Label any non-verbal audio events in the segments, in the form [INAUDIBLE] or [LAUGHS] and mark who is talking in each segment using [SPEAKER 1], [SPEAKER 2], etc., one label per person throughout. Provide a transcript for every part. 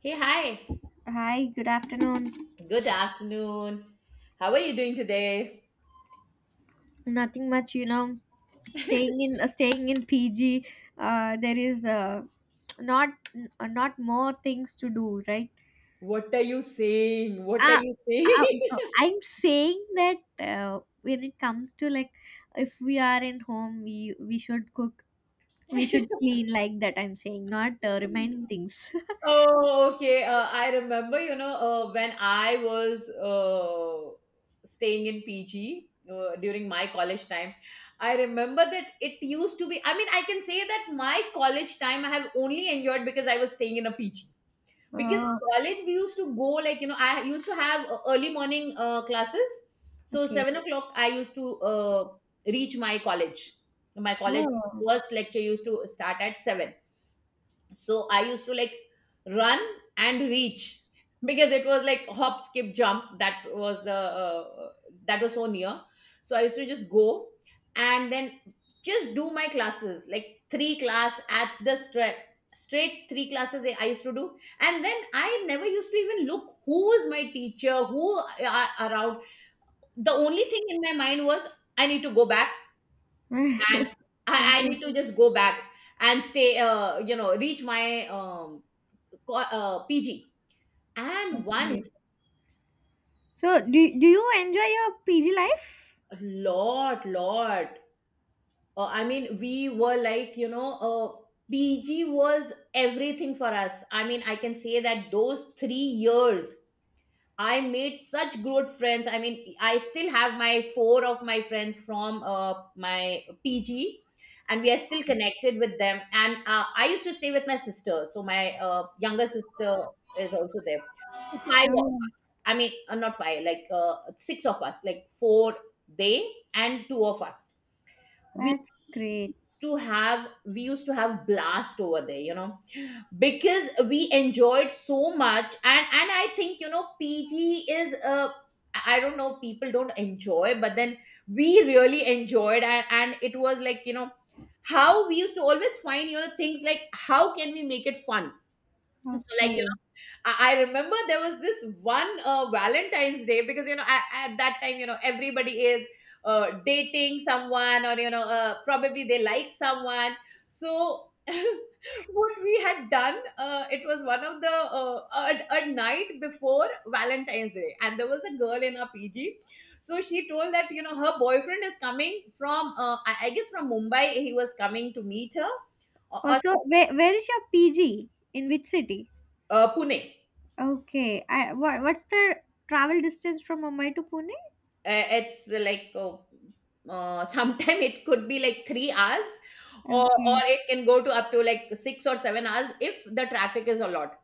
[SPEAKER 1] Hey, hi.
[SPEAKER 2] Hi, good afternoon.
[SPEAKER 1] Good afternoon. How are you doing today?
[SPEAKER 2] Nothing much, you know. Staying in staying in PG, there is not not more things to do, right?
[SPEAKER 1] What are you saying? What are
[SPEAKER 2] Uh,
[SPEAKER 1] you saying?
[SPEAKER 2] I'm saying that when it comes to like if we are in home, we should cook, we should
[SPEAKER 1] [LAUGHS]
[SPEAKER 2] clean like that. I'm saying not reminding things. [LAUGHS]
[SPEAKER 1] Oh, okay. I remember, you know, when I was staying in PG during my college time, I remember that it used to be, I mean, I can say that my college time I have only enjoyed because I was staying in a PG. Because
[SPEAKER 2] Oh,
[SPEAKER 1] college we used to go like, you know, I used to have early morning classes, so
[SPEAKER 2] okay.
[SPEAKER 1] 7 o'clock I used to reach my college.
[SPEAKER 2] Oh,
[SPEAKER 1] First lecture used to start at seven, so I used to like run and reach because it was like hop, skip, jump. That was the that was so near. So I used to just go and then just do my classes, like three class at the straight three classes I used to do, and then I never used to even look who is my teacher, who are around. The only thing in my mind was I need to go back, and I
[SPEAKER 2] [LAUGHS] okay,
[SPEAKER 1] need to just go back and stay. You know, reach my PG. And
[SPEAKER 2] okay.
[SPEAKER 1] once,
[SPEAKER 2] So, do you enjoy your PG life?
[SPEAKER 1] lot lot. I mean, we were like, you know, PG was everything for us. I mean, I can say that those 3 years, I made such good friends. I mean, I still have my four of my friends from my PG, and we are still connected with them. And I used to stay with my sister, so my younger sister is also there. So, five.
[SPEAKER 2] Oh.
[SPEAKER 1] I mean, not five, like six of us, like four they and two of us. We
[SPEAKER 2] That's great.
[SPEAKER 1] used to have blast over there, you know, because we enjoyed so much, and I think, you know, PG is uh, I don't know, people don't enjoy, but then we really enjoyed, and it was like, you know, how we used to always find, you know, things like how can we make it fun. So like,
[SPEAKER 2] Okay.
[SPEAKER 1] I remember there was this one Valentine's Day, because, you know, at that time, you know, everybody is dating someone, or, you know, probably they like someone. So [LAUGHS] what we had done, it was one of the a night before Valentine's Day, and there was a girl in our PG. So she told that, you know, her boyfriend is coming from I guess from Mumbai. He was coming to meet her or
[SPEAKER 2] Also, where is your PG? In which city?
[SPEAKER 1] Pune.
[SPEAKER 2] Okay. I, what's the travel distance from Mumbai to Pune?
[SPEAKER 1] It's like [LAUGHS] sometime it could be like 3 hours or
[SPEAKER 2] Okay.
[SPEAKER 1] it can go to up to like 6 or 7 hours if the traffic is a lot.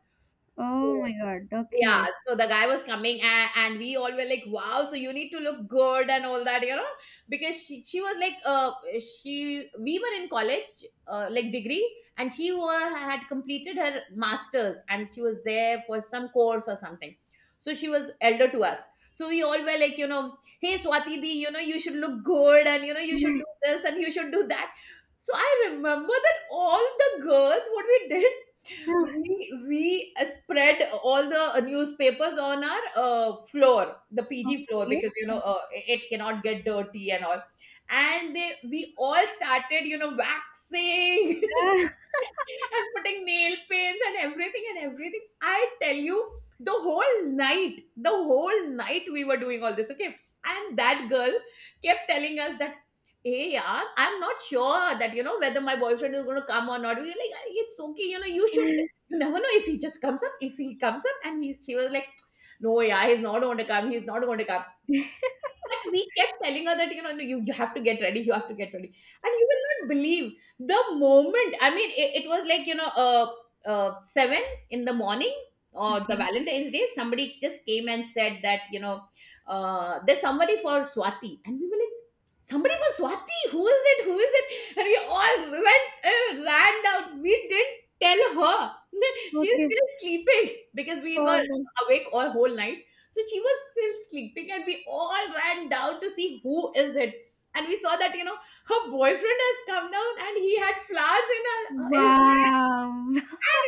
[SPEAKER 2] Oh
[SPEAKER 1] So
[SPEAKER 2] my God.
[SPEAKER 1] yeah,
[SPEAKER 2] Okay.
[SPEAKER 1] so the guy was coming, and we all were like, wow, so you need to look good and all that, you know, because she was like, we were in college, like degree, and she were, had completed her master's, and she was there for some course or something. So she was elder to us. So we all were like, you know, hey, Swati di, you know, you should look good, and, you know, you should do this, and you should do that. So I remember that all the girls, what we did,
[SPEAKER 2] [SIGHS]
[SPEAKER 1] we we spread all the newspapers on our floor, the PG floor,
[SPEAKER 2] Okay.
[SPEAKER 1] because, you know, it cannot get dirty and all. And they we all started, you know, waxing
[SPEAKER 2] [LAUGHS]
[SPEAKER 1] [LAUGHS] and putting nail paints and everything, and everything I tell you, the whole night we were doing all this, okay. And that girl kept telling us that, hey, yeah, I'm not sure that, you know, whether my boyfriend is going to come or not. We were like, "Ah, it's okay, you know, you should,
[SPEAKER 2] Okay.
[SPEAKER 1] you never know if he just comes up. If he comes up, and he," she was like, "No, yeah, he's not going to come. He's not going to come." But we kept telling her that, you know, no, you have to get ready, you have to get ready. And you will not believe the moment, I mean, it was like, you know, 7 in the morning, or the Valentine's Day, somebody just came and said that, you know, there's somebody for Swati. And we were like, somebody for Swati? Who is it? Who is it? And we all went, ran down. We didn't tell her. [LAUGHS] She's
[SPEAKER 2] Okay.
[SPEAKER 1] still sleeping because we
[SPEAKER 2] Oh,
[SPEAKER 1] were
[SPEAKER 2] no.
[SPEAKER 1] awake all whole night, so she was still sleeping, and we all ran down to see who is it. And we saw that, you know, her boyfriend has come down, and he had flowers in her, his hand.
[SPEAKER 2] Wow.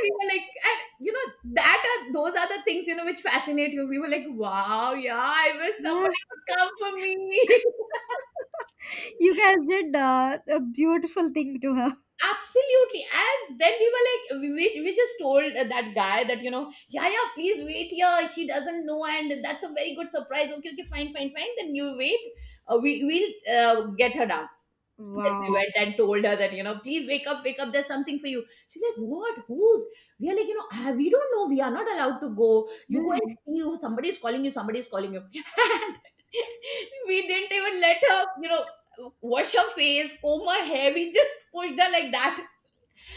[SPEAKER 1] We were like, and, you know, that are, those are the things, you know, which fascinate you. We were like, wow, yeah, I wish somebody
[SPEAKER 2] [LAUGHS]
[SPEAKER 1] would come for me.
[SPEAKER 2] You guys did a beautiful thing to her.
[SPEAKER 1] [LAUGHS] Absolutely. And then we were like, we just told that guy that, you know, yeah, yeah, please wait here. She doesn't know. And that's a very good surprise. Okay, okay, fine, fine, fine. Then you wait. We'll get her down. Then we
[SPEAKER 2] Wow.
[SPEAKER 1] went and told her that, you know, please wake up, there's something for you. She's like, what? Who's? We are like, you know, "Ah, we don't know. We are not allowed to go. You go and
[SPEAKER 2] [LAUGHS]
[SPEAKER 1] see, who somebody is calling you, somebody is calling you." [LAUGHS] And we didn't even let her, you know, wash her face, comb her hair. We just pushed her like that.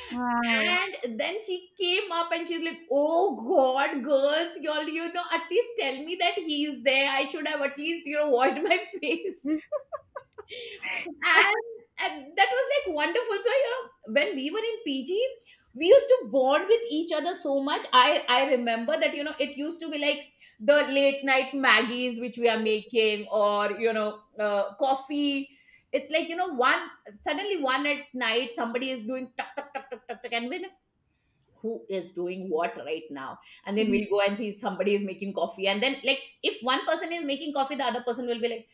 [SPEAKER 2] Wow.
[SPEAKER 1] And then she came up and she's like, Oh God, girls, y'all, you know, at least tell me that he's there. I should have at least, you know, washed my [LAUGHS] face. and, and that was like wonderful. So, you know, when we were in PG, we used to bond with each other so much. I remember that, you know, it used to be like the late night maggies which we are making, or, you know, coffee. It's like, you know, one suddenly one at night somebody is doing tuck tuck tuck tuck tuck tuck, and we're like, who is doing what right now. And then we'll
[SPEAKER 2] [LAUGHS]
[SPEAKER 1] go and see, somebody is making coffee. And then like, if one person is making coffee, the other person will be like,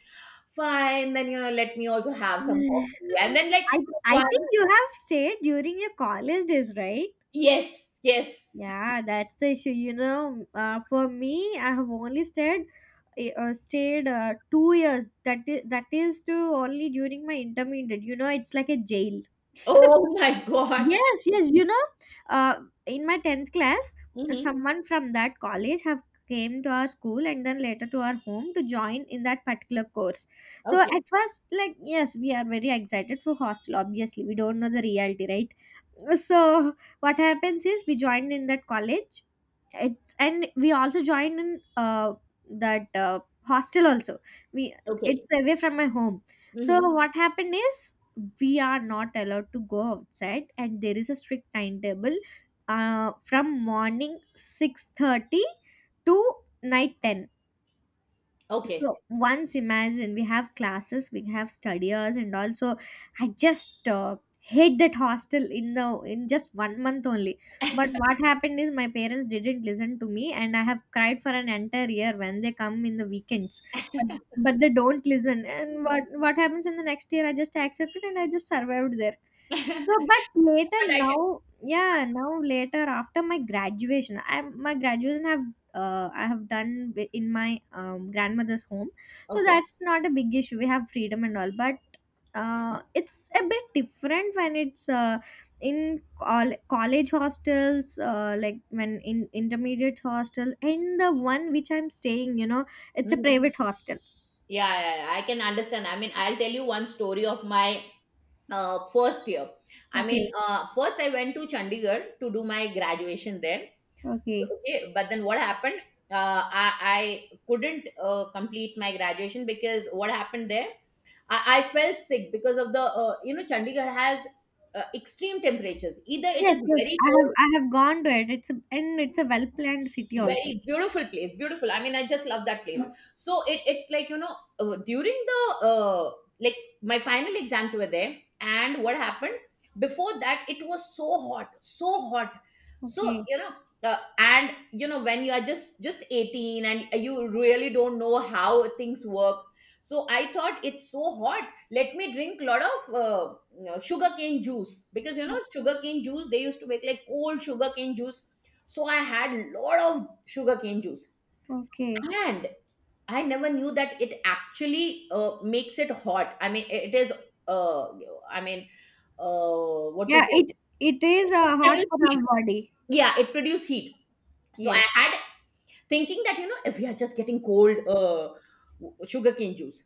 [SPEAKER 1] fine, then, you know, let me also have some coffee. And then, like,
[SPEAKER 2] I I think
[SPEAKER 1] one,
[SPEAKER 2] you have stayed during your college days, right?
[SPEAKER 1] yes, yes.
[SPEAKER 2] Yeah, that's the issue. You know, for me, I have only stayed two years. That is to only during my intermediate. You know, it's like a jail.
[SPEAKER 1] Oh my God.
[SPEAKER 2] Yes, yes, you know, uh, in my 10th class,
[SPEAKER 1] Mhm.
[SPEAKER 2] someone from that college have came to our school and then later to our home to join in that particular course. So
[SPEAKER 1] Okay,
[SPEAKER 2] at first, like, yes, we are very excited for hostel. Obviously, we don't know the reality, right? So what happens is we joined in that college it's and we also joined in that hostel also we
[SPEAKER 1] okay.
[SPEAKER 2] it's away from my home, so
[SPEAKER 1] Mhm.
[SPEAKER 2] what happened is we are not allowed to go outside, and there is a strict timetable from morning 6:30 to night 10.
[SPEAKER 1] Okay.
[SPEAKER 2] So once imagine we have classes, we have study, and also I just hate that hostel in the in just one month only. But what happened is my parents didn't listen to me, and I have cried for an entire year when they come in the weekends. But but they don't listen, and what
[SPEAKER 1] Mhm.
[SPEAKER 2] what happens in the next year? I just accepted and I just survived there. So,
[SPEAKER 1] [LAUGHS]
[SPEAKER 2] but later
[SPEAKER 1] But I can,
[SPEAKER 2] now, yeah, now later after my graduation, I my graduation have I have done wi- in my grandmother's home. So
[SPEAKER 1] okay.
[SPEAKER 2] that's not a big issue. We have freedom and all, but it's a bit different when it's in col- college hostels, like when in intermediate hostels, and the one which I'm staying, you know, it's a
[SPEAKER 1] Mhm.
[SPEAKER 2] private hostel.
[SPEAKER 1] Yeah, yeah, yeah, I can understand. I mean, I'll tell you one story of my first year. I
[SPEAKER 2] Okay,
[SPEAKER 1] mean, first I went to Chandigarh to do my graduation there. So,
[SPEAKER 2] okay.
[SPEAKER 1] okay, but then what happened? I couldn't complete my graduation, because what happened there? I felt sick because of the you know, Chandigarh has extreme temperatures. Either it
[SPEAKER 2] Yes,
[SPEAKER 1] is
[SPEAKER 2] yes.
[SPEAKER 1] very
[SPEAKER 2] I have
[SPEAKER 1] cold,
[SPEAKER 2] I have gone to it. It's a, and it's a well planned city also.
[SPEAKER 1] very beautiful place, beautiful, I mean, I just love that place. So it's like, you know, during the like my final exams were there, and what happened, before that it was so hot, so hot. So,
[SPEAKER 2] Okay,
[SPEAKER 1] you know, and you know when you are just 18 and you really don't know how things work, so I thought it's so hot, let me drink lot of sugarcane juice, because you know sugarcane juice, they used to make like cold sugarcane juice. So I had lot of sugarcane juice.
[SPEAKER 2] okay.
[SPEAKER 1] And I never knew that it actually makes it hot. I mean it is uh, i mean what to
[SPEAKER 2] Yeah,
[SPEAKER 1] say,
[SPEAKER 2] it is
[SPEAKER 1] it
[SPEAKER 2] hot
[SPEAKER 1] produce
[SPEAKER 2] for
[SPEAKER 1] heat.
[SPEAKER 2] our body.
[SPEAKER 1] Yeah, it produces heat. So I
[SPEAKER 2] Yes.
[SPEAKER 1] had thinking that, you know, if we are just getting cold sugarcane juice.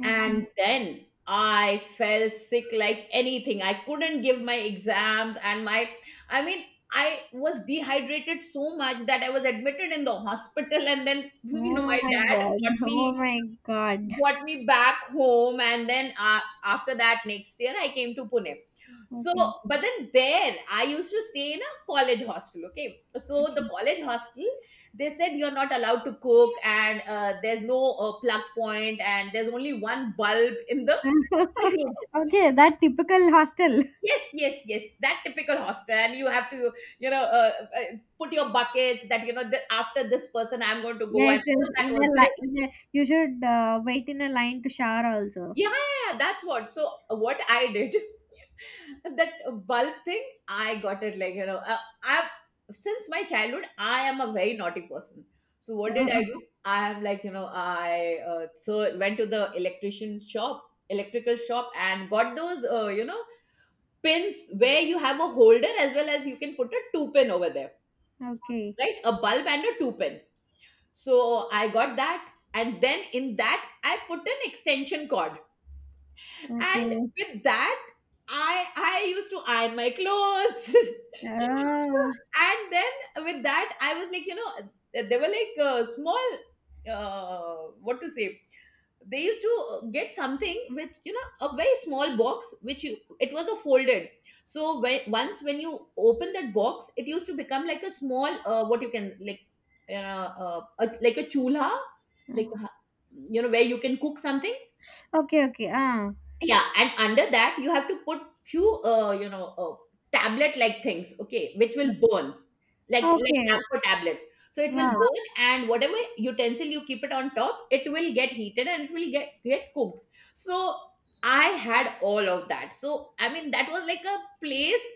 [SPEAKER 2] Okay.
[SPEAKER 1] And then I fell sick like anything. I couldn't give my exams and my, I mean, I was dehydrated so much that I was admitted in the hospital. And then [LAUGHS] you know,
[SPEAKER 2] Oh
[SPEAKER 1] my
[SPEAKER 2] my
[SPEAKER 1] dad
[SPEAKER 2] God.
[SPEAKER 1] got
[SPEAKER 2] Oh
[SPEAKER 1] me,
[SPEAKER 2] my God.
[SPEAKER 1] brought me back home. And then after that next year, I came to Pune. So
[SPEAKER 2] Okay.
[SPEAKER 1] but then there I used to stay in a college hostel. Okay, so the college hostel, they said you're not allowed to cook, and there's no plug point, and there's only one bulb in the room.
[SPEAKER 2] [LAUGHS] Okay, that typical hostel.
[SPEAKER 1] Yes, that typical hostel. And you have to, you know uh, uh, put your buckets that, you know, the, after this person I'm going to go,
[SPEAKER 2] Yes,
[SPEAKER 1] and
[SPEAKER 2] yes.
[SPEAKER 1] all that
[SPEAKER 2] In a
[SPEAKER 1] was
[SPEAKER 2] li-
[SPEAKER 1] there.
[SPEAKER 2] in a, you should wait in a line to shower also.
[SPEAKER 1] Yeah, that's what. So what I did, that bulb thing, I got it like, I, since my childhood I am a very naughty person. So what did I do?
[SPEAKER 2] [LAUGHS]
[SPEAKER 1] I am like, you know, I went to the electrician shop, electrical shop, and got those you know, pins where you have a holder as well as you can put a two pin over there,
[SPEAKER 2] Oh, okay.
[SPEAKER 1] right? A bulb and a two pin. So I got that, and then in that I put an extension cord. And
[SPEAKER 2] Okay.
[SPEAKER 1] with that, I used to iron my clothes.
[SPEAKER 2] Oh.
[SPEAKER 1] [LAUGHS] And then with that, I was like, you know, they were like small, what to say? They used to get something with, you know, a very small box, which you, it was a folded. So when once when you open that box, it used to become like a small what you can like, a, like a chulha, like you know, where you can cook something.
[SPEAKER 2] Okay, okay. Ah.
[SPEAKER 1] Yeah, and under that you have to put few tablet like things, okay, which will burn, like
[SPEAKER 2] Okay.
[SPEAKER 1] camphor tablets. So it will
[SPEAKER 2] Wow.
[SPEAKER 1] burn, and whatever utensil you keep it on top, it will get heated and it will get cooked. So I had all of that. So I mean, that was like a place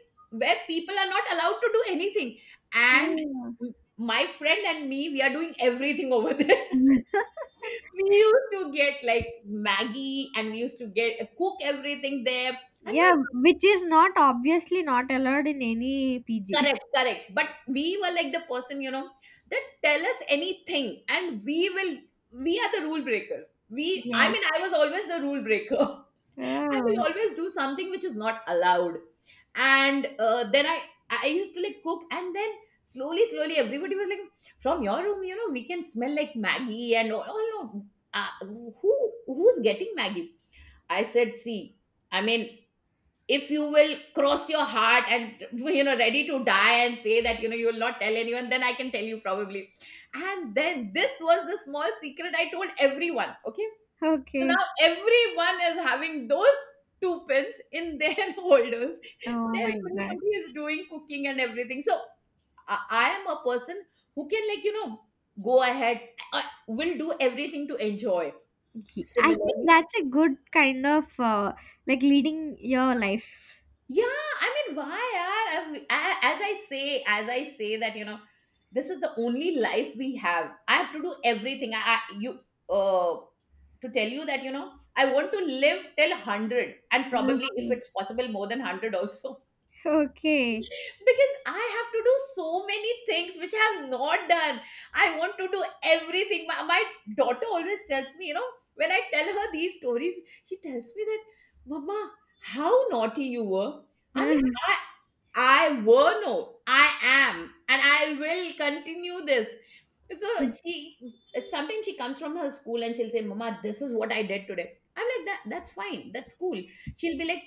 [SPEAKER 1] where people are not allowed to do anything. And
[SPEAKER 2] Oh.
[SPEAKER 1] my friend and me, we are doing everything [LAUGHS] over there.
[SPEAKER 2] [LAUGHS]
[SPEAKER 1] We used to get like Maggie, and we used to get cook everything there. And
[SPEAKER 2] Yeah,
[SPEAKER 1] my,
[SPEAKER 2] which is not obviously not allowed in any PG.
[SPEAKER 1] correct, correct. But we were like the person, you know, that tell us anything and we will, we are the rule breakers.
[SPEAKER 2] [LAUGHS]
[SPEAKER 1] We I
[SPEAKER 2] Yes.
[SPEAKER 1] mean, I was always the rule breaker. [LAUGHS] I will
[SPEAKER 2] Oh.
[SPEAKER 1] always do something which is not allowed. And then I used to like cook. And then slowly, slowly, everybody was like, from your room, you know, we can smell like Maggie and all, no, who's getting Maggie? I said, see, I mean, if you will cross your heart and, [LAUGHS] you know, ready to die and say that, you know, you will not tell anyone, then I can tell you probably. And then this was the small secret I told everyone. Okay. So now
[SPEAKER 2] Okay.
[SPEAKER 1] everyone is having those two pins in their [LAUGHS] holders.
[SPEAKER 2] Oh my God.
[SPEAKER 1] Everybody is doing cooking and everything. So I am a person who can, like, you know, go ahead, I will do everything to enjoy.
[SPEAKER 2] Ye- I think
[SPEAKER 1] Similarly,
[SPEAKER 2] that's a good kind of like leading your life.
[SPEAKER 1] yeah, I mean, why are as I say, that, you know, this is the only life we have. I have to do everything. I you uh to tell you that, you know, I want to live till hundred, and probably if
[SPEAKER 2] Okay.
[SPEAKER 1] it's possible, more than hundred also,
[SPEAKER 2] Okay.
[SPEAKER 1] [LAUGHS] because I have to do so many things which I have not done. I want to do everything. My daughter always tells me, you know, when I tell her these stories, she tells me that, Mama, how naughty you were. I mean,
[SPEAKER 2] [LAUGHS]
[SPEAKER 1] I were, no, I am, and I will continue this. So she, sometimes she comes from her school and she'll say, Mama, this is what I did today. I'm like, that's fine, that's cool. She'll be like,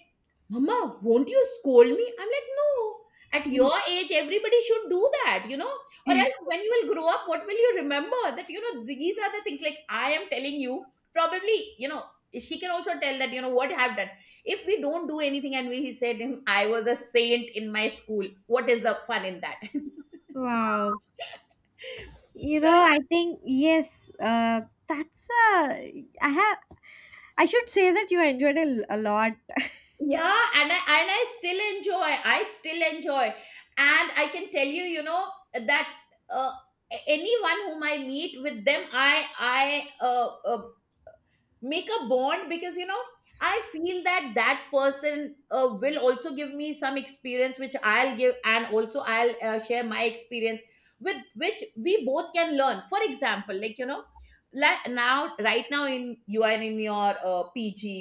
[SPEAKER 1] Mama, won't you scold me? I'm like, no. At your age, everybody should do that, you know? Or else when you will grow up, what will you remember? That, you know, these are the things like I am telling you, probably, you know, she can also tell that, you know, what I've done. If we don't do anything and we said him, I was a saint in my school, what is the fun in that? [LAUGHS]
[SPEAKER 2] Wow. You know,
[SPEAKER 1] So
[SPEAKER 2] I think yes, that's a I have I should say that you enjoyed a lot.
[SPEAKER 1] yeah, and I still enjoy. I still enjoy, and I can tell you, you know, that uh, anyone whom I meet with them, I make a bond, because you know, I feel that that person will also give me some experience which I'll give, and also I'll share my experience, with which we both can learn. For example, like, you know, like now, right now, in you are in your PG,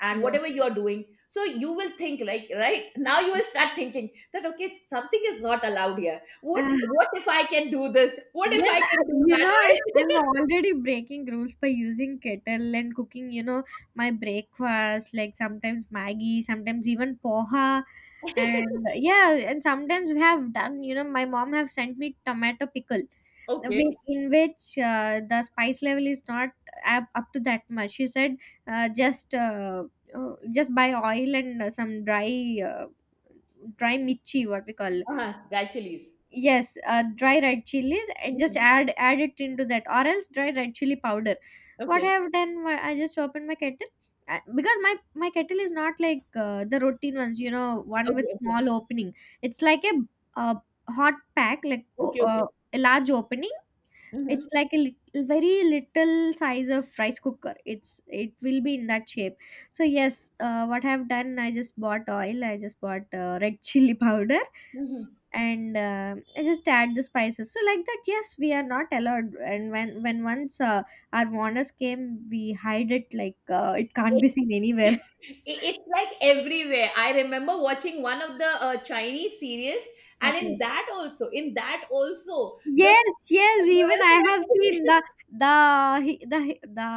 [SPEAKER 1] and whatever
[SPEAKER 2] Yes.
[SPEAKER 1] you are doing, so you will think like right [LAUGHS] now, you will start thinking that, okay, something is not allowed here, what
[SPEAKER 2] [LAUGHS]
[SPEAKER 1] what if I can do this, what if
[SPEAKER 2] Yes,
[SPEAKER 1] I
[SPEAKER 2] I-
[SPEAKER 1] can do
[SPEAKER 2] you
[SPEAKER 1] that,
[SPEAKER 2] know, I'm
[SPEAKER 1] right?
[SPEAKER 2] already breaking rules by using kettle and cooking, you know, my breakfast, like sometimes Maggie, sometimes even poha. And yeah, and sometimes we have done, you know, my mom have sent me tomato pickle,
[SPEAKER 1] [LAUGHS] Okay.
[SPEAKER 2] whi- in which the spice level is not up to that much. She said, uh, just uh, just buy oil and some dry dry mirchi, what we call
[SPEAKER 1] Uh-huh, gradually.
[SPEAKER 2] yes dry red chilies and just
[SPEAKER 1] Mhm.
[SPEAKER 2] add it into that, or else dry red chili powder. What
[SPEAKER 1] Okay.
[SPEAKER 2] I have done wa- I just opened my kettle because my kettle is not like the routine ones, you know, one with
[SPEAKER 1] Okay, okay.
[SPEAKER 2] small opening. It's like a, uh hot pack like o-
[SPEAKER 1] Okay, okay.
[SPEAKER 2] a large opening.
[SPEAKER 1] Mhm,
[SPEAKER 2] It's like a lit- very little size of rice cooker. It's it will be in that shape. So yes, what I've done, I just bought oil, I just bought [LAUGHS] red chili powder,
[SPEAKER 1] mhm.
[SPEAKER 2] and I just add the spices. So like that, yes, we are not allowed, and when once our warners came, we hide it like it can't
[SPEAKER 1] It,
[SPEAKER 2] be seen
[SPEAKER 1] [LAUGHS]
[SPEAKER 2] anywhere.
[SPEAKER 1] it- it's like everywhere. I remember watching one of the Chinese series,
[SPEAKER 2] [LAUGHS]
[SPEAKER 1] and
[SPEAKER 2] Okay.
[SPEAKER 1] in that also, the
[SPEAKER 2] Yes, yes. Even
[SPEAKER 1] girls
[SPEAKER 2] I
[SPEAKER 1] were
[SPEAKER 2] have
[SPEAKER 1] doing
[SPEAKER 2] seen
[SPEAKER 1] it.
[SPEAKER 2] the
[SPEAKER 1] [LAUGHS]
[SPEAKER 2] the he- the he- the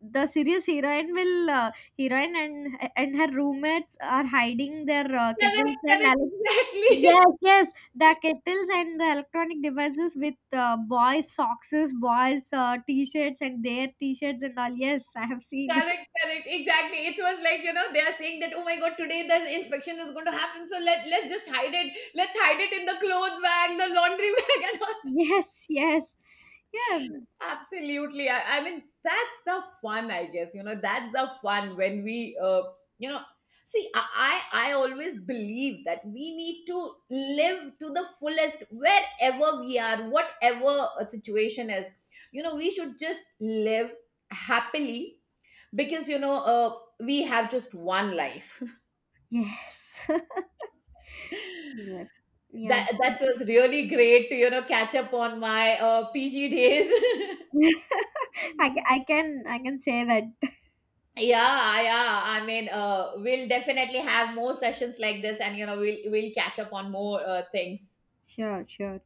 [SPEAKER 2] the serious heroine will heroine and her roommates are hiding their
[SPEAKER 1] Correct,
[SPEAKER 2] kettles and
[SPEAKER 1] correct,
[SPEAKER 2] ele-
[SPEAKER 1] exactly.
[SPEAKER 2] yes, yes, the kettles and the electronic devices with boys' socks, boys' t-shirts and their t-shirts and all. Yes, I have
[SPEAKER 1] [LAUGHS]
[SPEAKER 2] seen. [LAUGHS]
[SPEAKER 1] Correct, correct, exactly. It was like, you know, they are saying that, oh my god, today the inspection is going to happen, so let's just hide it, let's hide it in the clothes bag, the laundry [LAUGHS] bag, and all.
[SPEAKER 2] Yes, yes, yeah,
[SPEAKER 1] Absolutely. I mean, that's the fun, I guess. You know, that's the fun when we, you know, see, I always believe that we need to live to the fullest wherever we are, whatever a situation is. You know, we should just live happily, because, you know, we have just one life. [LAUGHS]
[SPEAKER 2] yes, [LAUGHS] yes, yeah.
[SPEAKER 1] That that was really great to, you know, catch up on my PG days. [LAUGHS]
[SPEAKER 2] [LAUGHS] I, ca- I can say that
[SPEAKER 1] Yeah, yeah. I mean, we'll definitely have more sessions like this, and you know, we'll catch up on more things.
[SPEAKER 2] 谢尔切尔